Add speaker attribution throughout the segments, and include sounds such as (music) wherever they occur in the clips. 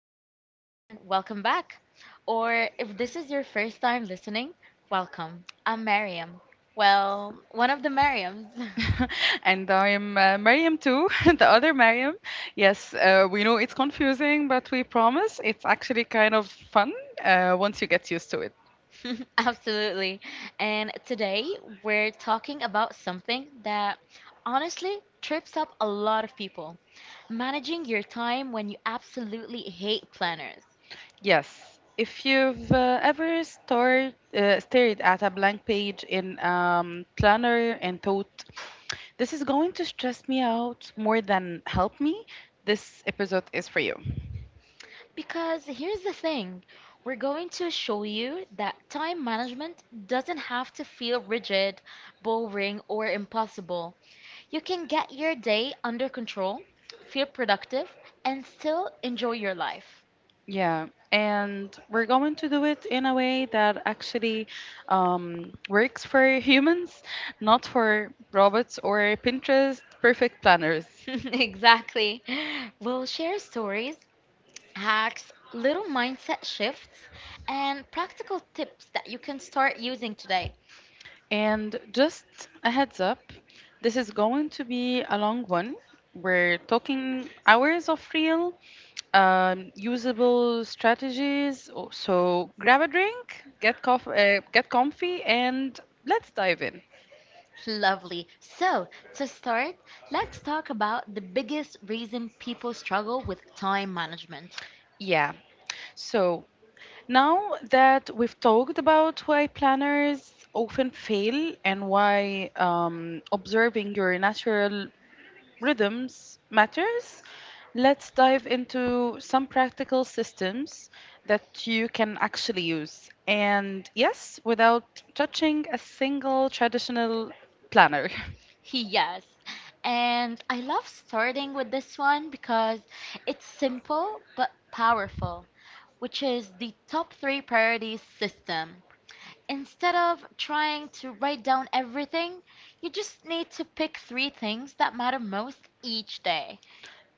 Speaker 1: everyone, and welcome back. Or if this is your first time listening, welcome. I'm Mariam. Well, one of the Mariams.
Speaker 2: (laughs) And I'm Mariam too, (laughs) the other Mariam. Yes, we know it's confusing, but we promise it's actually kind of fun once you get used to it.
Speaker 1: (laughs) Absolutely. And today we're talking about something that honestly trips up a lot of people managing your time when you absolutely hate planners.
Speaker 2: Yes, if you've ever stared at a blank page in planner and thought, this is going to stress me out more than help me, this episode is for you.
Speaker 1: Because here's the thing we're going to show you that time management doesn't have to feel rigid, boring, or impossible. You can get your day under control, feel productive, and still enjoy your life.
Speaker 2: Yeah, and we're going to do it in a way that actually works for humans, not for robots or Pinterest perfect planners.
Speaker 1: (laughs) Exactly. We'll share stories, hacks, little mindset shifts, and practical tips that you can start using today.
Speaker 2: And just a heads up, this is going to be a long one. We're talking hours of real, usable strategies. Oh, so grab a drink, get comfy, and let's dive in.
Speaker 1: Lovely. So, to start, let's talk about the biggest reason people struggle with time management.
Speaker 2: Yeah. So Now that we've talked about why planners often fail and why observing your natural rhythms matters, let's dive into some practical systems that you can actually use. And yes, without touching a single traditional planner. (laughs)
Speaker 1: (laughs) Yes. And I love starting with this one because it's simple but powerful, which is the top three priorities system. Instead of trying to write down everything, you just need to pick three things that matter most each day.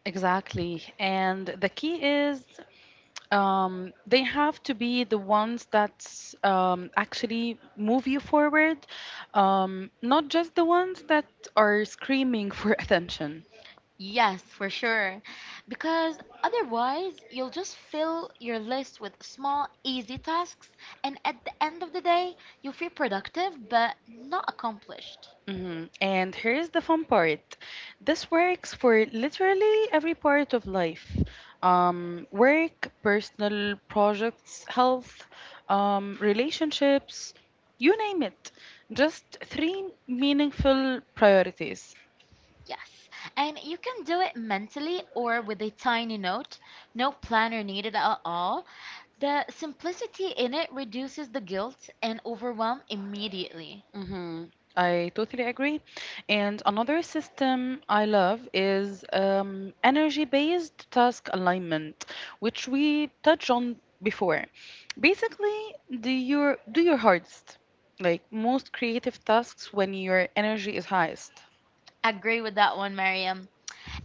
Speaker 2: Exactly. And the key is, they have to be the ones that actually move you forward, not just the ones that are screaming for (laughs) attention.
Speaker 1: Yes, for sure. Because otherwise, you'll just fill your list with small, easy tasks, and at the end of the day, you'll feel productive but not accomplished.
Speaker 2: Mhm. And here's the fun part, this works for literally every part of life, work, personal projects, health, relationships, you name it. Just three meaningful priorities.
Speaker 1: Yes. And you can do it mentally or with a tiny note, no planner needed at all. The simplicity in it reduces the guilt and overwhelm immediately.
Speaker 2: Mm-hmm. I totally agree. And another system I love is energy based task alignment, which we touched on before. Basically, do your hardest, like most creative tasks when your energy is highest.
Speaker 1: Agree with that one, Mariam.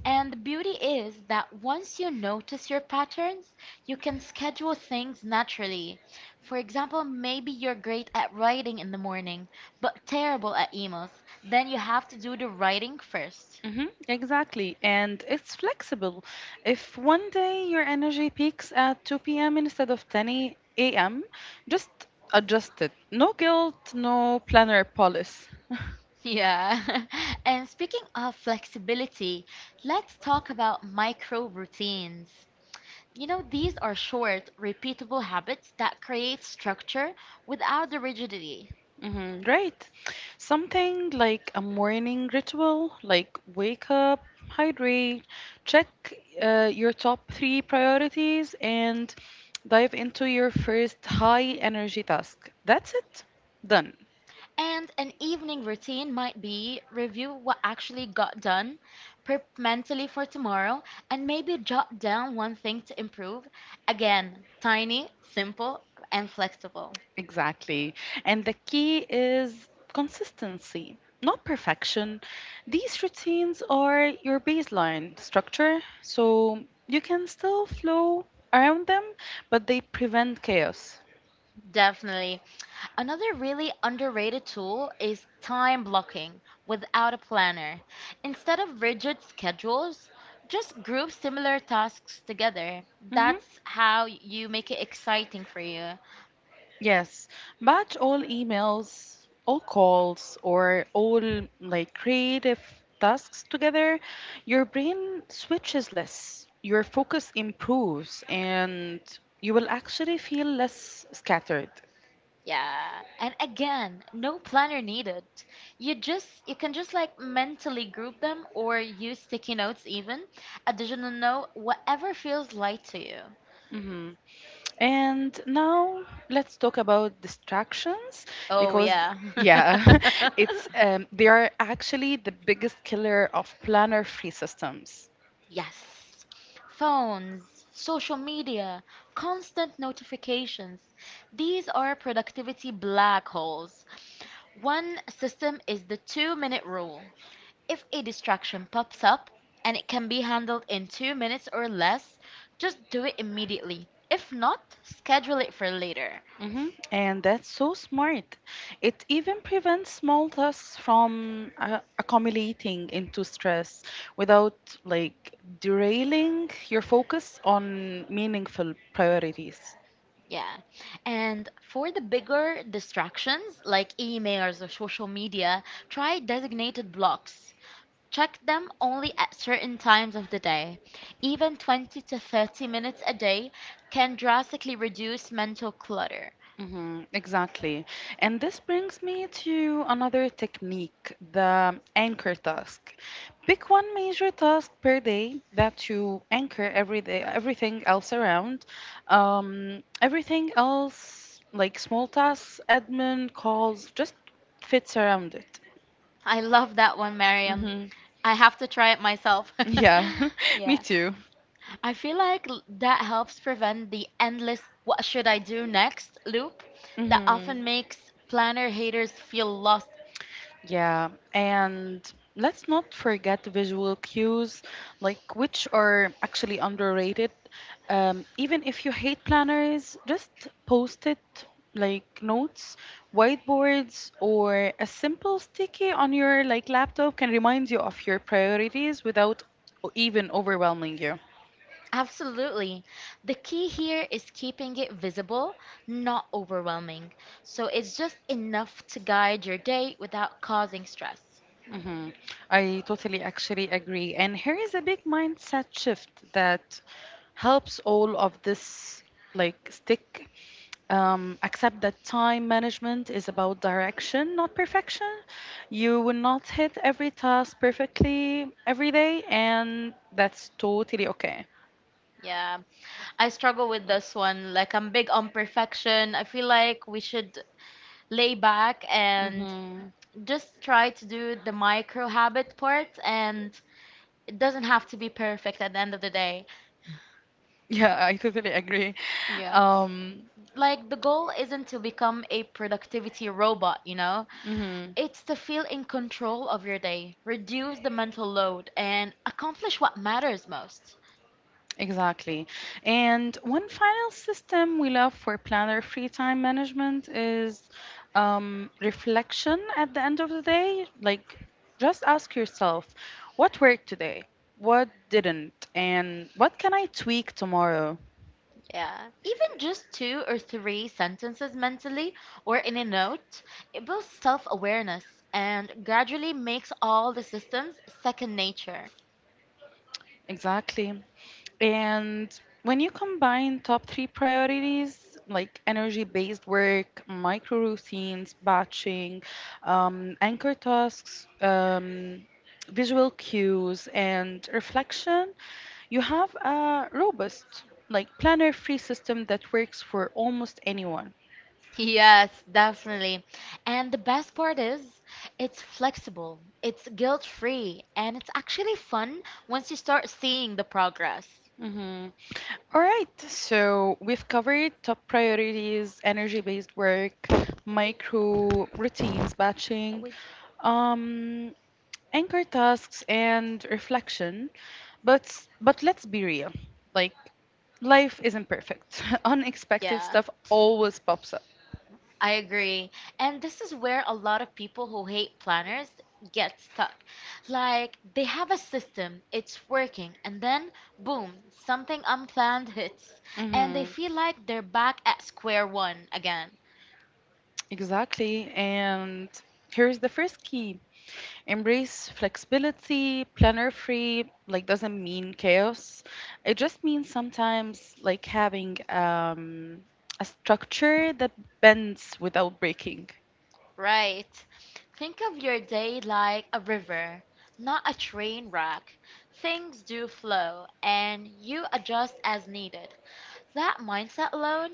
Speaker 1: And the beauty is that once you notice your patterns, you can schedule things naturally. For example, maybe you're great at writing in the morning, but terrible at emails. Then you have to do the writing first.
Speaker 2: Hmm, exactly. And it's flexible. If one day your energy peaks at 2 p.m. instead of 10 a.m., just adjust it. No guilt, no planner policy. (laughs)
Speaker 1: Yeah. (laughs) And speaking of flexibility, let's talk about micro routines. You know, these are short, repeatable habits that create structure without the rigidity.
Speaker 2: Mm-hmm, right. Something like a morning ritual, like wake up, hydrate, check your top three priorities, and dive into your first high energy task. That's it. Done.
Speaker 1: And an evening routine might be review what actually got done, prep mentally for tomorrow, and maybe jot down one thing to improve. Again, tiny, simple, and flexible.
Speaker 2: Exactly. And the key is consistency, not perfection. These routines are your baseline structure, so you can still flow around them, but they prevent chaos.
Speaker 1: Definitely. Another really underrated tool is time blocking without a planner. Instead of rigid schedules, just group similar tasks together.
Speaker 2: Mhm.
Speaker 1: That's how you make it exciting for you.
Speaker 2: Yes, batch all emails, all calls, or all like creative tasks together. Your brain switches less, your focus improves, and you will actually feel less scattered.
Speaker 1: Yeah, and again, no planner needed. You can just like mentally group them or use sticky notes even. Additional note, whatever feels light to you.
Speaker 2: Hmm. And now let's talk about distractions
Speaker 1: Oh
Speaker 2: because,
Speaker 1: yeah.
Speaker 2: yeah,
Speaker 1: (laughs)
Speaker 2: (laughs) it's they are actually the biggest killer of planner-free systems.
Speaker 1: Yes. Phones, social media, constant notifications. These are productivity black holes. One system is the two-minute rule. If a distraction pops up and it can be handled in two minutes or less, just do it immediately. If not, schedule it for later.
Speaker 2: Hmm. And that's so smart. It even prevents small tasks from accumulating into stress without like derailing your focus on meaningful priorities.
Speaker 1: Yeah. And for the bigger distractions like emails or social media, try designated blocks. Check them only at certain times of the day. Even 20 to 30 minutes a day can drastically reduce mental clutter.
Speaker 2: Hmm, exactly. And this brings me to another technique, the anchor task. Pick one major task per day that you anchor every day, everything else around. Everything else, like small tasks, admin, calls, just fits around it.
Speaker 1: I love that one, Mariam.
Speaker 2: Hmm.
Speaker 1: I have to try it myself. (laughs)
Speaker 2: Yeah, (laughs) me
Speaker 1: Yeah.
Speaker 2: too.
Speaker 1: I feel like that helps prevent the endless what should I do next loop that
Speaker 2: Hmm.
Speaker 1: often makes planner haters feel lost.
Speaker 2: Yeah, and let's not forget visual cues, like which are actually underrated. Even if you hate planners, just post it like notes, whiteboards, or a simple sticky on your like laptop can remind you of your priorities without even overwhelming you.
Speaker 1: Absolutely. The key here is keeping it visible, not overwhelming. So it's just enough to guide your day without causing stress.
Speaker 2: Hmm. I totally actually agree. And here is a big mindset shift that helps all of this like stick, accept that time management is about direction, not perfection. You will not hit every task perfectly every day, and that's totally okay.
Speaker 1: Yeah, I struggle with this one. Like, I'm big on perfection. I feel like we should lay back and
Speaker 2: Mm-hmm.
Speaker 1: just try to do the micro habit part and it doesn't have to be perfect at the end of the day.
Speaker 2: Yeah, I totally agree. Um,
Speaker 1: Like, the goal isn't to become a productivity robot, you know?
Speaker 2: mhm.
Speaker 1: It's to feel in control of your day, reduce the mental load, and accomplish what matters most.
Speaker 2: Exactly. And one final system we love for planner free time management is reflection at the end of the day. Like, just ask yourself, what worked today? What didn't? And what can I tweak tomorrow?
Speaker 1: Yeah. Even just two or three sentences mentally or in a note, it builds self awareness and gradually makes all the systems second nature.
Speaker 2: Exactly. And when you combine top three priorities, like energy based work, micro routines, batching, anchor tasks, visual cues, and reflection, you have a robust, like planner free system that works for almost anyone.
Speaker 1: Yes, definitely. And the best part is, it's flexible, it's guilt-free, and it's actually fun once you start seeing the progress.
Speaker 2: Hmm. All right, so we've covered top priorities, energy based work, micro routines,
Speaker 1: No,
Speaker 2: batching.
Speaker 1: wait.
Speaker 2: Um, anchor tasks and reflection, but but let's be real, like life isn't perfect. (laughs) Unexpected
Speaker 1: Yeah,
Speaker 2: stuff always pops up.
Speaker 1: I agree. And this is where a lot of people who hate planners get stuck. Like, they have a system, it's working, and then boom, something unplanned hits, and they
Speaker 2: Hmm,
Speaker 1: feel like they're back at square one again.
Speaker 2: exactly. And here's the first key, embrace flexibility. Planner free like doesn't mean chaos, it just means sometimes like having a structure that bends without breaking.
Speaker 1: Right. Think of your day like a river, not a train wreck. Things do flow and you adjust as needed. That mindset alone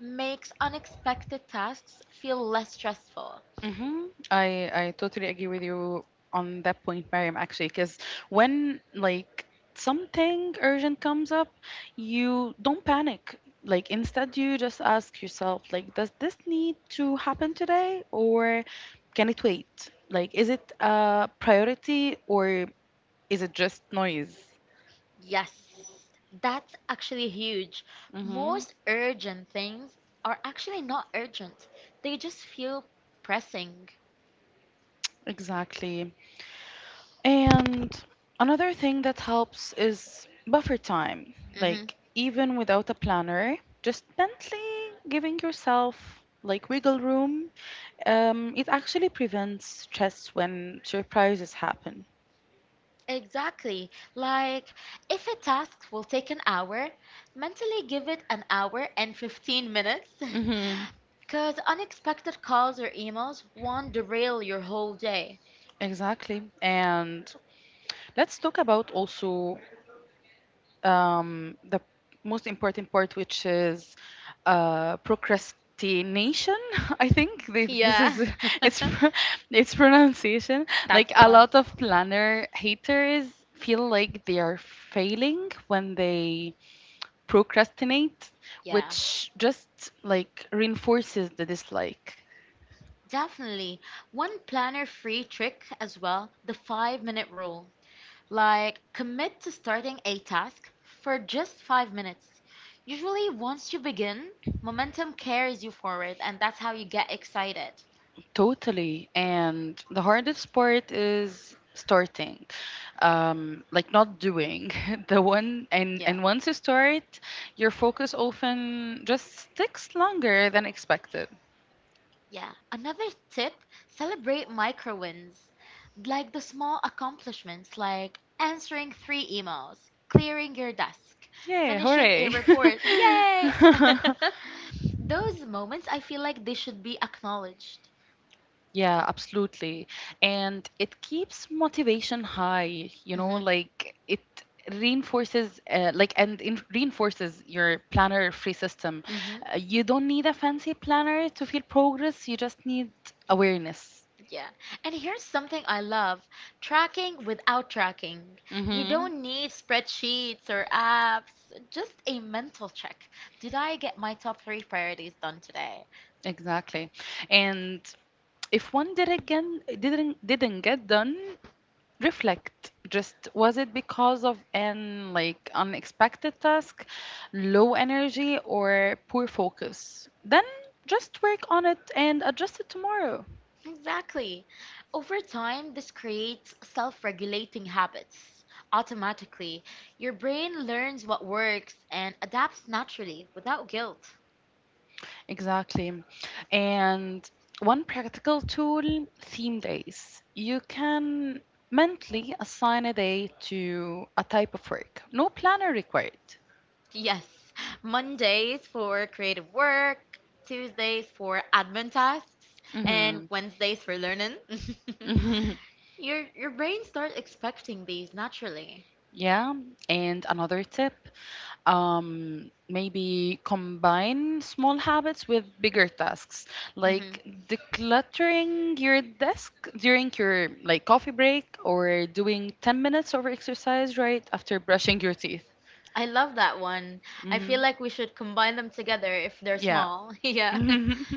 Speaker 1: makes unexpected tasks feel less stressful.
Speaker 2: Mm-hmm. I totally agree with you on that point, Mariam, actually, because when like something urgent comes up, you don't panic. Like instead you just ask yourself, like, does this need to happen today or can it wait? Like, is it a priority or is it just noise?
Speaker 1: Yes, that's actually huge.
Speaker 2: Mm-hmm.
Speaker 1: Most urgent things are actually not urgent, they just feel pressing.
Speaker 2: Exactly. And another thing that helps is buffer time.
Speaker 1: Mm-hmm.
Speaker 2: Like, even without a planner, just mentally giving yourself like wiggle room, it actually prevents stress when surprises happen.
Speaker 1: Exactly. Like, if a task will take an hour, mentally give it an hour and 15 minutes.
Speaker 2: Hmm.
Speaker 1: (laughs) Because unexpected calls or emails won't derail your whole day.
Speaker 2: Exactly. And let's talk about also the most important part, which is procrastination. (laughs) I think they, this is
Speaker 1: Yeah, (laughs)
Speaker 2: (laughs) it's pro- it's pronunciation.
Speaker 1: that's
Speaker 2: Like
Speaker 1: the
Speaker 2: a
Speaker 1: one.
Speaker 2: lot of planner haters feel like they are failing when they procrastinate,
Speaker 1: Yeah,
Speaker 2: which just like reinforces the dislike.
Speaker 1: definitely. One planner free trick as well, the five-minute rule. Like, commit to starting a task for just five minutes. Usually, once you begin, momentum carries you forward, and that's how you get excited.
Speaker 2: Totally. And the hardest part is starting. Like not doing. (laughs) The one
Speaker 1: Yeah.
Speaker 2: and once you start, your focus often just sticks longer than expected.
Speaker 1: Yeah. Another tip, celebrate micro wins. Like the small accomplishments, like answering three emails, clearing your desk,
Speaker 2: Yeah,
Speaker 1: finishing a
Speaker 2: hooray.
Speaker 1: report. Yay!
Speaker 2: (laughs)
Speaker 1: (laughs) Those moments, I feel like they should be acknowledged.
Speaker 2: Yeah, absolutely. And it keeps motivation high, you know,
Speaker 1: Hmm.
Speaker 2: like it reinforces, reinforces your planner free system. You don't need a fancy planner to feel progress, you just need awareness.
Speaker 1: Yeah. And here's something I love tracking without tracking. You
Speaker 2: Mhm.
Speaker 1: don't need spreadsheets or apps, just a mental check. Did I get my top three priorities done today?
Speaker 2: Exactly. And if one did again didn't get done, reflect, just was it because of an like unexpected task, low energy, or poor focus? Then just work on it and adjust it tomorrow.
Speaker 1: Exactly. Over time, this creates self regulating habits. Automatically, your brain learns what works and adapts naturally without guilt.
Speaker 2: Exactly. And one practical tool, theme days, you can mentally assign a day to a type of work, no planner required.
Speaker 1: Yes, Mondays for creative work, Tuesdays for admin tasks, and
Speaker 2: Mhm.
Speaker 1: Wednesdays for
Speaker 2: (laughs)
Speaker 1: learning. (laughs)
Speaker 2: Mhm.
Speaker 1: Your brain starts expecting these naturally.
Speaker 2: Yeah, and another tip, maybe combine small habits with bigger tasks,
Speaker 1: Hmm.
Speaker 2: like decluttering your desk during your like coffee break or doing 10 minutes of exercise right after brushing your teeth.
Speaker 1: I love that one. I
Speaker 2: Mhm.
Speaker 1: feel like we should combine them together if they're
Speaker 2: Yeah.
Speaker 1: small. (laughs) Yeah.
Speaker 2: (laughs)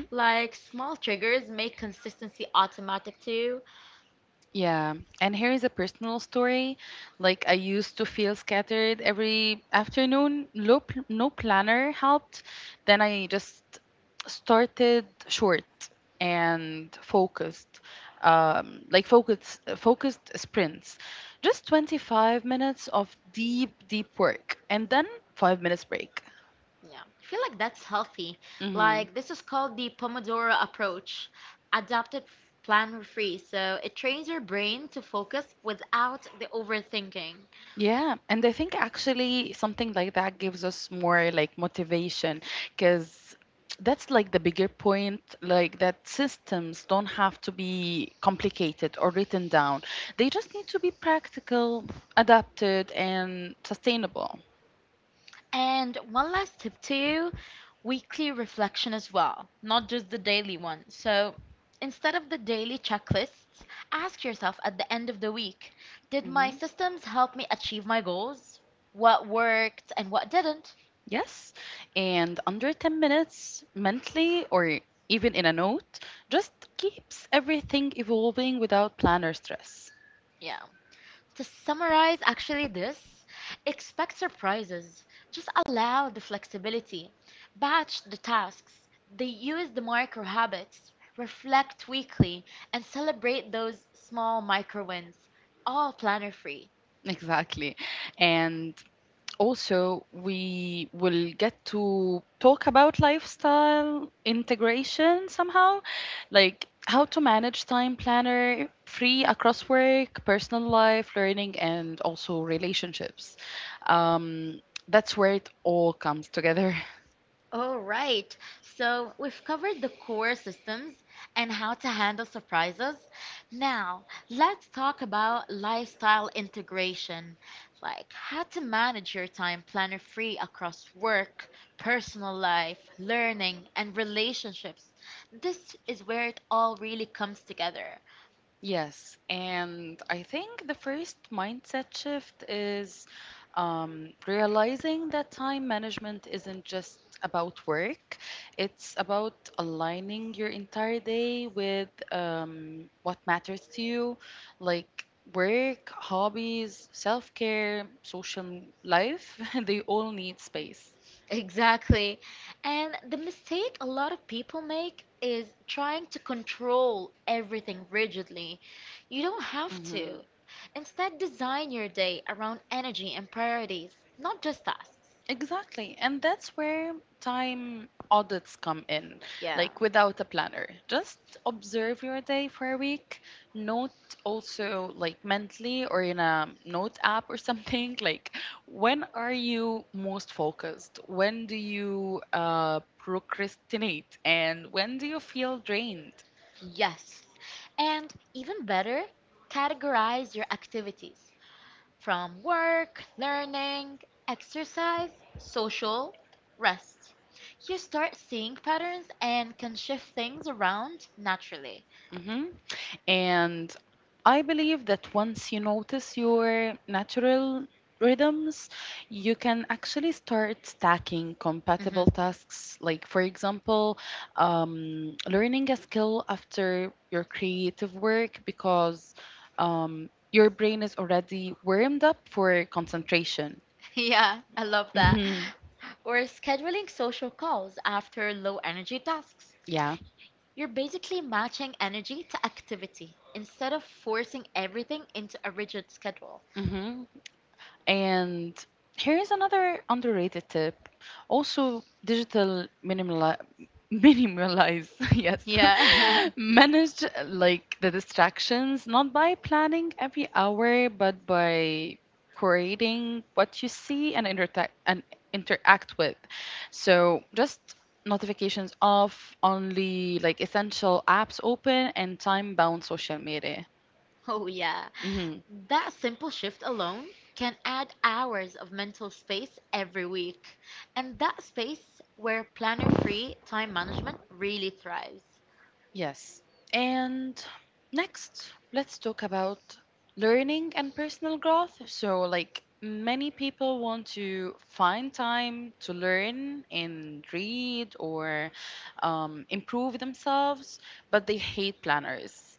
Speaker 1: Like small triggers make consistency automatic too.
Speaker 2: Yeah, and here is a personal story. Like I used to feel scattered every afternoon. No, no planner helped. Then I just started short and focused, like focused sprints, just 25 minutes of deep work, and then 5 minutes break.
Speaker 1: Yeah, I feel like that's healthy.
Speaker 2: Hmm.
Speaker 1: Like, this is called the Pomodoro approach, adapted f- planner free. So it trains your brain to focus without the overthinking.
Speaker 2: Yeah, and I think actually something like that gives us more like motivation because that's like the bigger point, like that systems don't have to be complicated or written down. They just need to be practical, adapted, and sustainable.
Speaker 1: And one last tip to you weekly reflection as well, not just the daily one. So instead of the daily checklists, ask yourself at the end of the week did
Speaker 2: Hmm.
Speaker 1: my systems help me achieve my goals? What worked and what didn't?
Speaker 2: Yes, and under 10 minutes mentally or even in a note just keeps everything evolving without plan or stress.
Speaker 1: Yeah. To summarize actually this, expect surprises. Just allow the flexibility. Batch the tasks. They use the micro habits. Reflect weekly and celebrate those small micro wins. All planner free.
Speaker 2: Exactly. And also, we will get to talk about lifestyle integration somehow, like how to manage time planner free across work, personal life, learning, and also relationships. Um, that's where it all comes together. (laughs)
Speaker 1: All right. So we've covered the core systems and how to handle surprises. Now, let's talk about lifestyle integration, like how to manage your time planner free across work, personal life, learning, and relationships. This is where it all really comes together.
Speaker 2: Yes, and I think the first mindset shift is realizing that time management isn't just about work, it's about aligning your entire day with what matters to you, like work, hobbies, self care, social life, (laughs) they all need space.
Speaker 1: Exactly. And the mistake a lot of people make is trying to control everything rigidly. You don't have
Speaker 2: Mhm.
Speaker 1: to. Instead, design your day around energy and priorities, not just tasks.
Speaker 2: Exactly. And that's where time audits come in,
Speaker 1: Yeah.
Speaker 2: like without a planner. Just observe your day for a week. Note also, like mentally or in a note app or something, (laughs) like when are you most focused? When do you procrastinate? And when do you feel drained?
Speaker 1: Yes. And even better, categorize your activities from work, learning, exercise, social, rest. You start seeing patterns and can shift things around naturally.
Speaker 2: Hmm. And I believe that once you notice your natural rhythms, you can actually start stacking compatible
Speaker 1: Mhm.
Speaker 2: tasks. Like, for example, learning a skill after your creative work because your brain is already warmed up for concentration.
Speaker 1: (laughs) Yeah, I love that.
Speaker 2: Hmm.
Speaker 1: Or scheduling social calls after low energy tasks.
Speaker 2: Yeah.
Speaker 1: You're basically matching energy to activity instead of forcing everything into a rigid schedule.
Speaker 2: Hmm. And here is another underrated tip. Also, digital minimalize, (laughs) yes.
Speaker 1: Yeah.
Speaker 2: Yeah. (laughs) Manage like the distractions, not by planning every hour, but by creating what you see and interact with. So just notifications off, only like essential apps open and time bound social media.
Speaker 1: (laughs) Oh, yeah.
Speaker 2: Mm-hmm.
Speaker 1: That simple shift alone can add hours of mental space every week. And that space where planner-free time management really thrives.
Speaker 2: Yes. And next, let's talk about learning and personal growth. So, like, many people want to find time to learn and read or improve themselves, but they hate planners.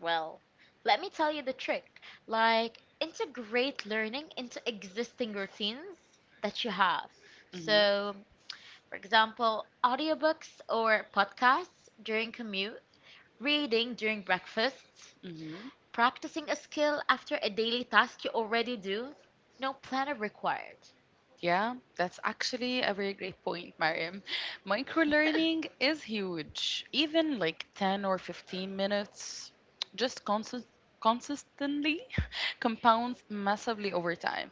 Speaker 1: Well, let me tell you the trick. Like, integrate learning into existing routines that you have.
Speaker 2: Hmm.
Speaker 1: So, for example, audiobooks or podcasts during commute, reading during breakfast, practicing a skill after a daily task you already do. No planner required.
Speaker 2: Yeah, that's actually a very great point, Mariam.
Speaker 1: (laughs)
Speaker 2: Microlearning is huge. Even like 10 or 15 minutes just consistently (laughs) compounds massively over time.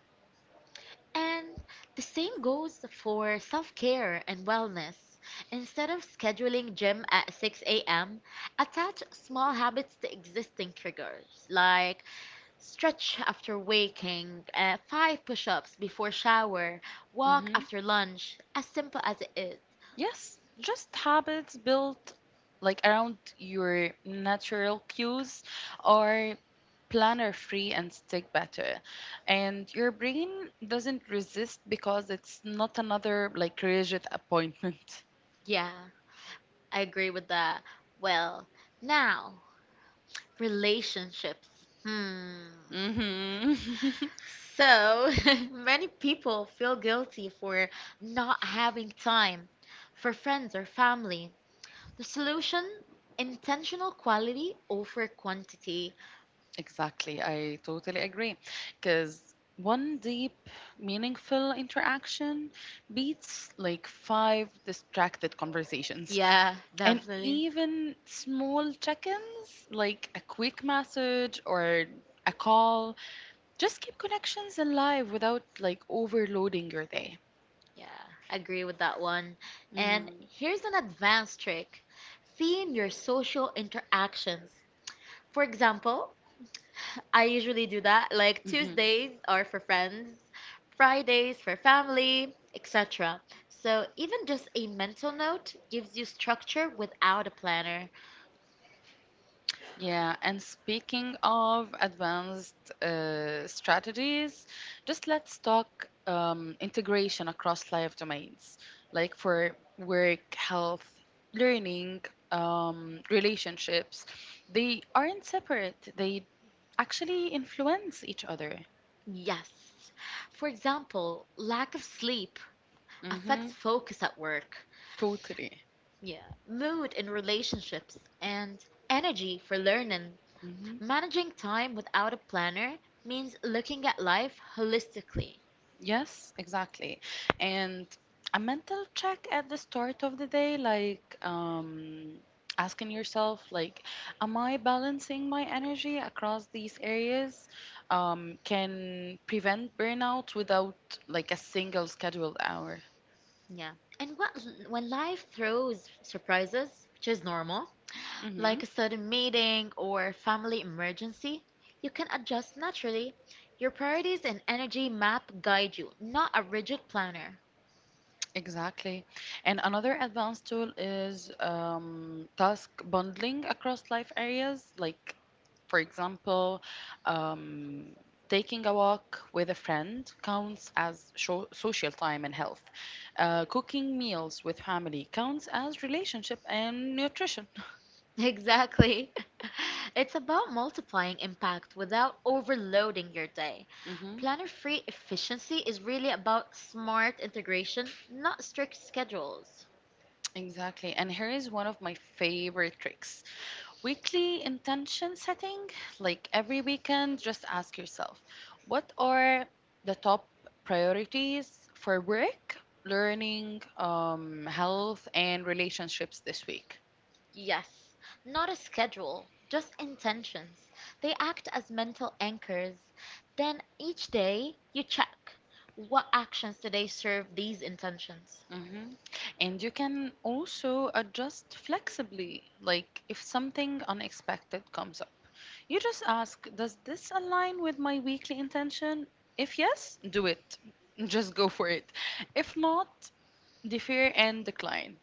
Speaker 1: And the same goes for self care and wellness. Instead of scheduling gym at 6 a.m., attach small habits to existing triggers, like stretch after waking, five push ups before shower, walk
Speaker 2: Hmm.
Speaker 1: after lunch, as simple as it is.
Speaker 2: Yes, just habits built like around your natural cues are planner free and stick better. And your brain doesn't resist because it's not another like rigid appointment.
Speaker 1: Yeah, I agree with that. Well, now, relationships. Hmm.
Speaker 2: (laughs) Hmm. (laughs)
Speaker 1: So, (laughs) many people feel guilty for not having time for friends or family. The solution? Intentional quality over quantity.
Speaker 2: Exactly. I totally agree. Because one deep, meaningful interaction beats like five distracted conversations.
Speaker 1: Yeah,
Speaker 2: And
Speaker 1: definitely.
Speaker 2: even small check ins, like a quick message or a call, just keep connections alive without like overloading your day.
Speaker 1: Yeah, agree with that one. And
Speaker 2: Mhm.
Speaker 1: here's an advanced trick. Theme your social interactions. For example, I usually do that. Like
Speaker 2: Mhm.
Speaker 1: Tuesdays are for friends, Fridays for family, etc. So even just a mental note gives you structure without a planner.
Speaker 2: Yeah, and speaking of advanced strategies, just let's talk integration across life domains, like for work, health, learning, relationships. They aren't separate, they actually influence each other.
Speaker 1: Yes. For example, lack of sleep
Speaker 2: Mm-hmm.
Speaker 1: affects focus at work.
Speaker 2: Totally.
Speaker 1: Yeah. Mood in relationships and energy for learning.
Speaker 2: Mm-hmm.
Speaker 1: Managing time without a planner means looking at life holistically.
Speaker 2: Yes, exactly. And a mental check at the start of the day, like asking yourself, like, am I balancing my energy across these areas? Can prevent burnout without like a single scheduled hour.
Speaker 1: Yeah. And what, when life throws surprises, which is normal, like
Speaker 2: Hmm.
Speaker 1: a sudden meeting or family emergency, you can adjust naturally. Your priorities and energy map guide you, not a rigid planner.
Speaker 2: Exactly. And another advanced tool is task bundling across life areas, like. For example, um, taking a walk with a friend counts as social time and health. Cooking meals with family counts as relationship and nutrition.
Speaker 1: (laughs) Exactly. (laughs) It's about multiplying impact without overloading your day.
Speaker 2: Hmm,
Speaker 1: Planner free efficiency is really about smart integration, not strict schedules.
Speaker 2: exactly. And here is one of my favorite tricks, weekly intention setting. Like every weekend, just ask yourself, what are the top priorities for work, learning, health, and relationships this week?
Speaker 1: Yes, not a schedule, just intentions. They act as mental anchors. Then each day you check what actions today serve these intentions.
Speaker 2: Hmm. And you can also adjust flexibly, like if something unexpected comes up. You just ask, does this align with my weekly intention? If yes, do it. Just go for it. If not, defer and decline.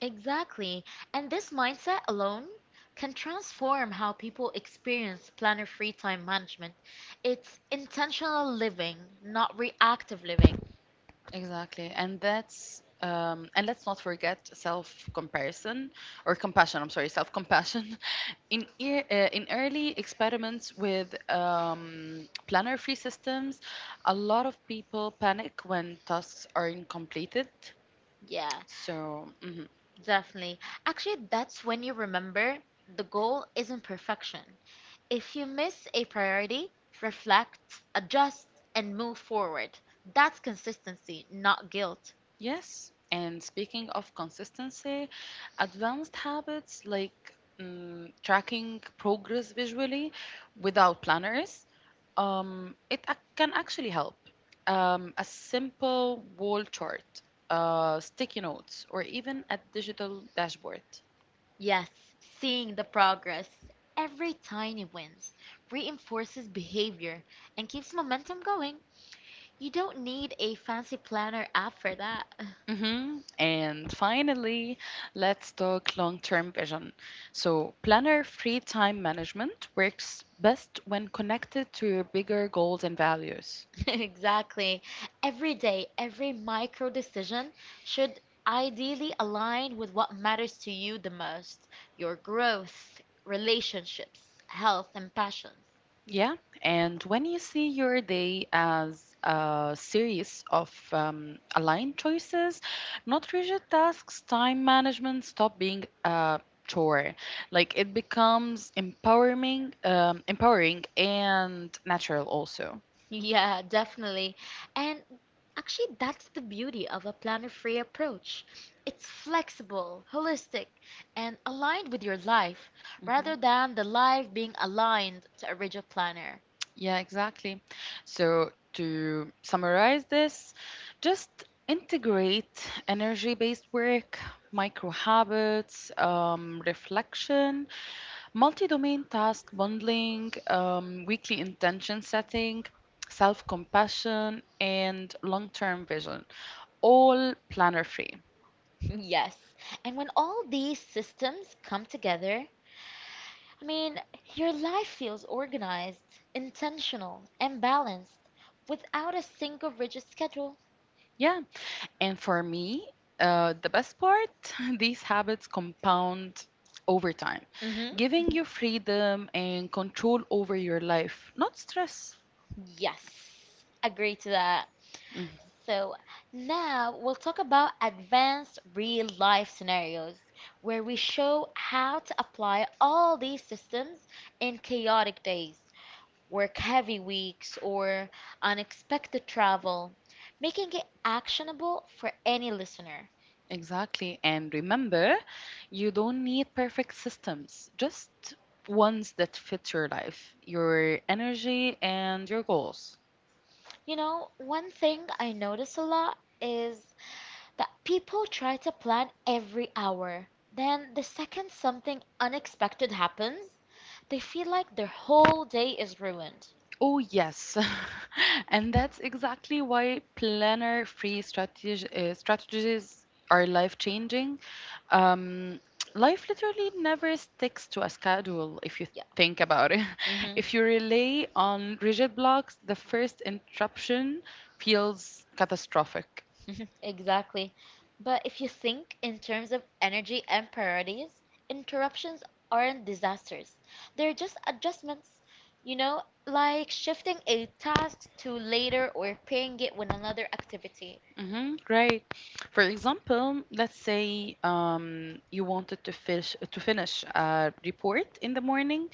Speaker 1: Exactly. And this mindset alone can transform how people experience planner free time management. It's intentional living, not reactive living.
Speaker 2: Exactly. And let's not forget self-comparison or compassion. I'm sorry, self-compassion. (laughs) In early experiments with planner-free systems, a lot of people panic when tasks aren't completed.
Speaker 1: Yeah,
Speaker 2: So mhm.
Speaker 1: definitely. Actually, that's when you remember the goal isn't perfection. If you miss a priority, reflect, adjust, and move forward. That's consistency, not guilt.
Speaker 2: Yes, and speaking of consistency, advanced habits like tracking progress visually without planners, can actually help. A simple wall chart, sticky notes, or even a digital dashboard.
Speaker 1: Yes, seeing the progress, every tiny wins, reinforces behavior and keeps momentum going. You don't need a fancy planner app for that. (laughs)
Speaker 2: Hmm. And finally, let's talk long-term vision. So, planner free time management works best when connected to your bigger goals and values.
Speaker 1: (laughs) Exactly. Every day, every micro decision should ideally align with what matters to you the most, your growth, relationships, health, and passions. (laughs)
Speaker 2: Yeah, and when you see your day as a series of aligned choices, not rigid tasks, time management stop being a chore. Like it becomes empowering and natural also.
Speaker 1: Yeah, definitely. And actually, that's the beauty of a planner-free approach. It's flexible, holistic, and aligned with your life, rather than the life being aligned to a rigid planner.
Speaker 2: Yeah, exactly. So to summarize this, just integrate energy-based work, micro habits, reflection, multi-domain task bundling, weekly intention setting, self-compassion, and long-term vision, all planner-free.
Speaker 1: (laughs) Yes. And when all these systems come together, I mean, your life feels organized, intentional, and balanced without a single rigid schedule.
Speaker 2: Yeah, and for me, the best part, (laughs) these habits compound over time,
Speaker 1: Hmm.
Speaker 2: giving
Speaker 1: Hmm.
Speaker 2: you freedom and control over your life, not stress.
Speaker 1: Yes, agree to that.
Speaker 2: Mm-hmm.
Speaker 1: So now we'll talk about advanced real life scenarios where we show how to apply all these systems in chaotic days, work heavy weeks, or unexpected travel, making it actionable for any listener.
Speaker 2: Exactly. And remember, you don't need perfect systems, just ones that fit your life, your energy, and your goals.
Speaker 1: One thing I notice a lot is that people try to plan every hour. Then, the second something unexpected happens, they feel like their whole day is ruined.
Speaker 2: Oh, yes. (laughs) And that's exactly why strategies are life changing. Um, life literally never sticks to a schedule if you
Speaker 1: Yeah.
Speaker 2: think about it. (laughs)
Speaker 1: Hmm.
Speaker 2: If you rely on rigid blocks, the first interruption feels catastrophic.
Speaker 1: (laughs) Exactly. But if you think in terms of energy and priorities, interruptions aren't disasters. They're just adjustments, like shifting a task to later or pairing it with another activity.
Speaker 2: Mm-hmm, great. For example, let's say you wanted to finish a report in the morning,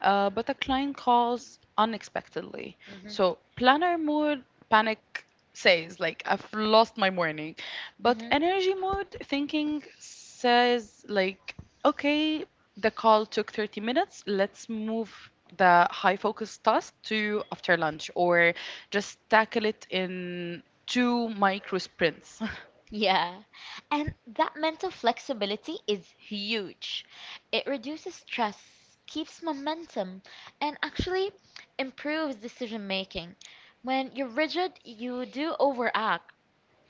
Speaker 2: but a client calls unexpectedly.
Speaker 1: Hmm.
Speaker 2: So planner mode panic says, like, I've lost my morning, but
Speaker 1: Hmm.
Speaker 2: energy mode thinking says, like, okay, the call took 30 minutes. Let's move the high focus task to after lunch or just tackle it in two micro sprints. (laughs)
Speaker 1: Yeah. And that mental flexibility is huge. It reduces stress, keeps momentum, and actually improves decision making. When you're rigid, you do overact.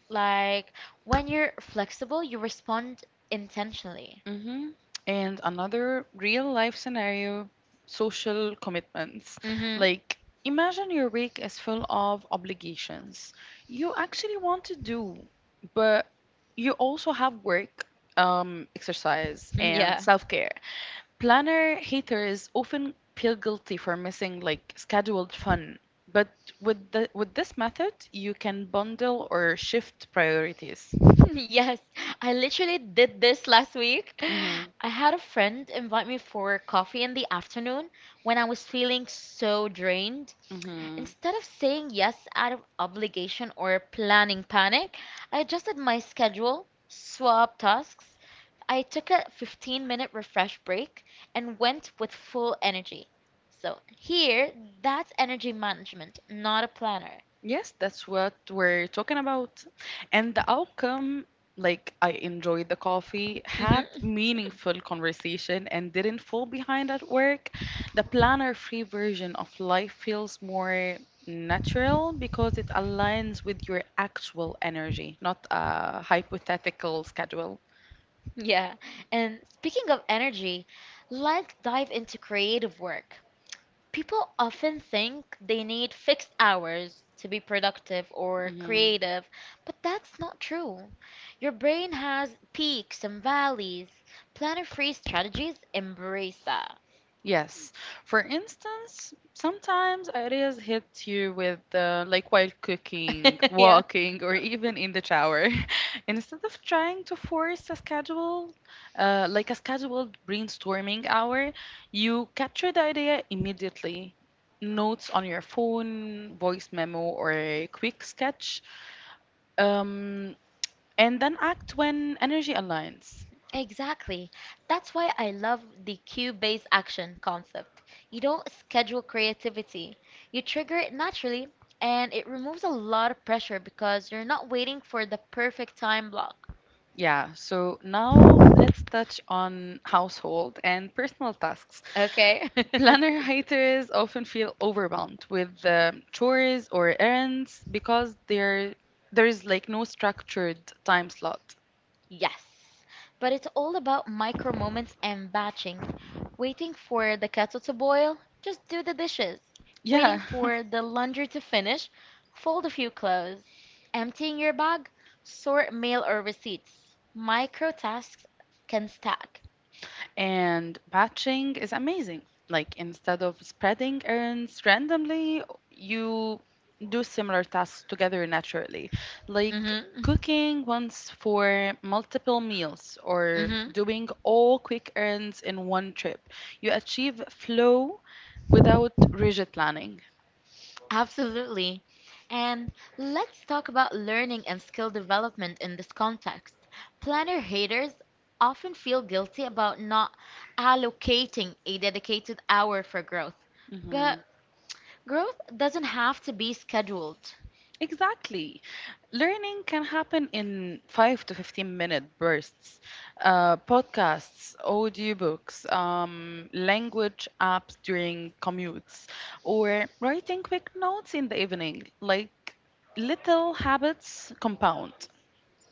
Speaker 1: Like when you're flexible, you respond intentionally.
Speaker 2: Hmm. And another real life scenario, social commitments.
Speaker 1: Mm-hmm.
Speaker 2: Like, imagine your week is full of obligations you actually want to do, but you also have work, exercise, and
Speaker 1: (laughs) Yeah.
Speaker 2: self care. Planner haters often feel guilty for missing like scheduled fun. But with this method, you can bundle or shift priorities.
Speaker 1: (laughs) Yes, I literally did this last week.
Speaker 2: Mm-hmm,
Speaker 1: I had a friend invite me for coffee in the afternoon when I was feeling so drained.
Speaker 2: mm-hmm.
Speaker 1: Instead of saying yes out of obligation or planning panic, I adjusted my schedule, swapped tasks. I took a 15-minute refresh break and went with full energy. So here, that's energy management, not a planner. (laughs)
Speaker 2: Yes, that's what we're talking about. And the outcome, like, I enjoyed the coffee,
Speaker 1: Mhm.
Speaker 2: had meaningful conversation and didn't fall behind at work. The planner-free version of life feels more natural because it aligns with your actual energy, not a hypothetical schedule.
Speaker 1: Yeah. And speaking of energy, let's dive into creative work. People often think they need fixed hours to be productive or
Speaker 2: Mhm.
Speaker 1: creative, but that's not true. Your brain has peaks and valleys. Planner-free strategies embrace that.
Speaker 2: Yes. For instance, sometimes ideas hit you with like while cooking,
Speaker 1: (laughs) Yeah.
Speaker 2: walking, or even in the shower. (laughs) Instead of trying to force a schedule, like a scheduled brainstorming hour, you capture the idea immediately. Notes on your phone, voice memo, or a quick sketch, um, and then act when energy aligns.
Speaker 1: Exactly. That's why I love the cue-based action concept. You don't schedule creativity. You trigger it naturally, and it removes a lot of pressure because you're not waiting for the perfect time block.
Speaker 2: Yeah, so now let's touch on household and personal tasks.
Speaker 1: Okay? (laughs)
Speaker 2: Planner haters often feel overwhelmed with chores or errands because there is like no structured time slot.
Speaker 1: Yes, but it's all about micro moments and batching. Waiting for the kettle to boil, just do the dishes. Waiting
Speaker 2: Yeah.
Speaker 1: for the
Speaker 2: (laughs)
Speaker 1: laundry to finish, fold a few clothes. Emptying your bag, sort mail or receipts. Micro tasks can stack.
Speaker 2: And batching is amazing. Like instead of spreading errands randomly, you do similar tasks together naturally. Like
Speaker 1: Mhm.
Speaker 2: cooking once for multiple meals or
Speaker 1: Mhm.
Speaker 2: doing all quick errands in one trip. You achieve flow without rigid planning.
Speaker 1: Absolutely. And let's talk about learning and skill development in this context. Planner haters often feel guilty about not allocating a dedicated hour for growth. But
Speaker 2: Mhm.
Speaker 1: growth doesn't have to be scheduled.
Speaker 2: Exactly. Learning can happen in 5 to 15 minute bursts. Podcasts, audiobooks, language apps during commutes, or writing quick notes in the evening. Like little habits compound.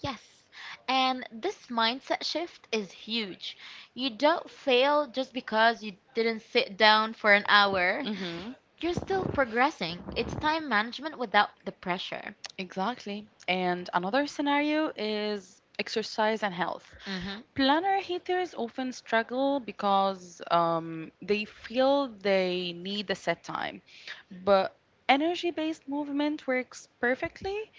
Speaker 1: Yes. And this mindset shift is huge. You don't fail just because you didn't sit down for an hour.
Speaker 2: Hmm.
Speaker 1: You're still progressing. It's time management without the pressure.
Speaker 2: Exactly. And another scenario is exercise and health.
Speaker 1: Hmm.
Speaker 2: Planner haters often struggle because they feel they need a set time. But energy based movement works perfectly.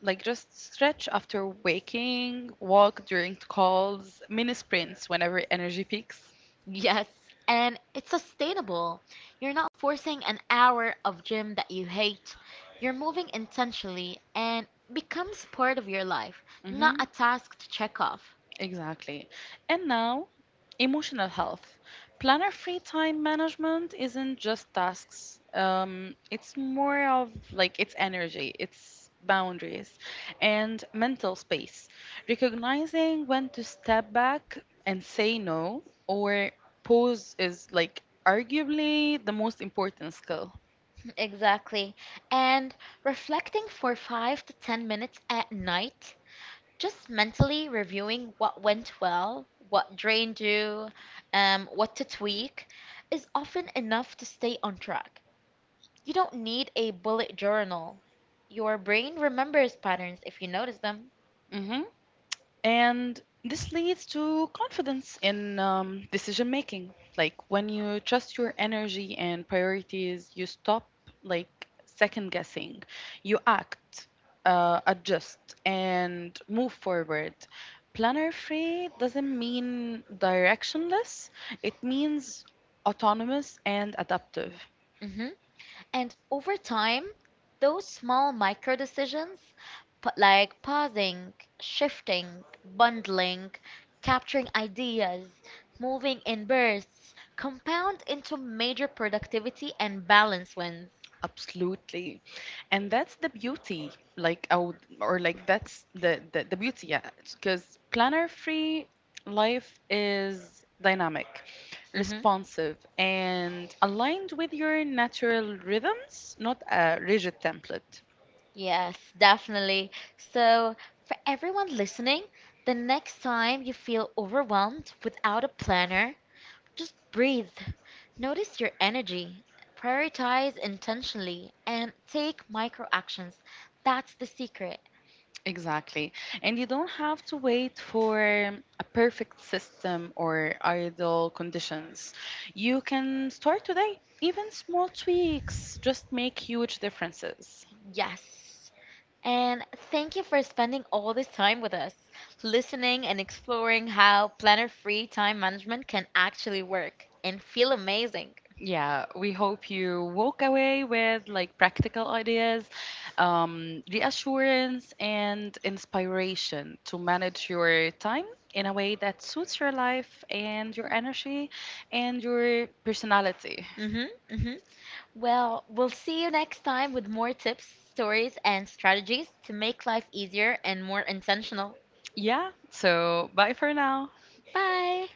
Speaker 2: Like just stretch after waking, walk during calls, mini sprints whenever energy peaks.
Speaker 1: Yes, and it's sustainable. You're not forcing an hour of gym that you hate. You're moving intentionally and becomes part of your life, not
Speaker 2: Hmm.
Speaker 1: a task to check off.
Speaker 2: Exactly. And now, emotional health. Planner free time management isn't just tasks. It's more of like it's energy, it's boundaries, and mental space. Recognizing when to step back and say no or pause is, like, arguably the most important skill.
Speaker 1: (laughs) Exactly. And reflecting for 5 to 10 minutes at night, just mentally reviewing what went well, what drained you, what to tweak, is often enough to stay on track. You don't need a bullet journal. Your brain remembers patterns if you notice them.
Speaker 2: Mm-hmm. And this leads to confidence in decision making. Like when you trust your energy and priorities, you stop, like, second guessing. You act, adjust, and move forward. Planner free doesn't mean directionless, it means autonomous and adaptive.
Speaker 1: Hmm. And over time, those small micro decisions, like pausing, shifting, bundling, capturing ideas, moving in bursts, compound into major productivity and balance wins.
Speaker 2: Absolutely. And that's the beauty, like, I would, or like, that's the beauty, yeah. Because planner free life is dynamic,
Speaker 1: Hmm.
Speaker 2: responsive, and aligned with your natural rhythms, not a rigid template.
Speaker 1: Yes, definitely. So, for everyone listening, the next time you feel overwhelmed without a planner, just breathe. Notice your energy. Prioritize intentionally and take micro actions. That's the secret.
Speaker 2: Exactly. And you don't have to wait for a perfect system or ideal conditions. You can start today. Even small tweaks just make huge differences.
Speaker 1: Yes. And thank you for spending all this time with us, listening and exploring how planner free time management can actually work and feel amazing.
Speaker 2: Yeah, we hope you walk away with like practical ideas, reassurance, and inspiration to manage your time in a way that suits your life and your energy and your personality.
Speaker 1: Mhm. Mhm. Well, we'll see you next time with more tips, stories, and strategies to make life easier and more intentional.
Speaker 2: Yeah, so bye for now.
Speaker 1: Bye.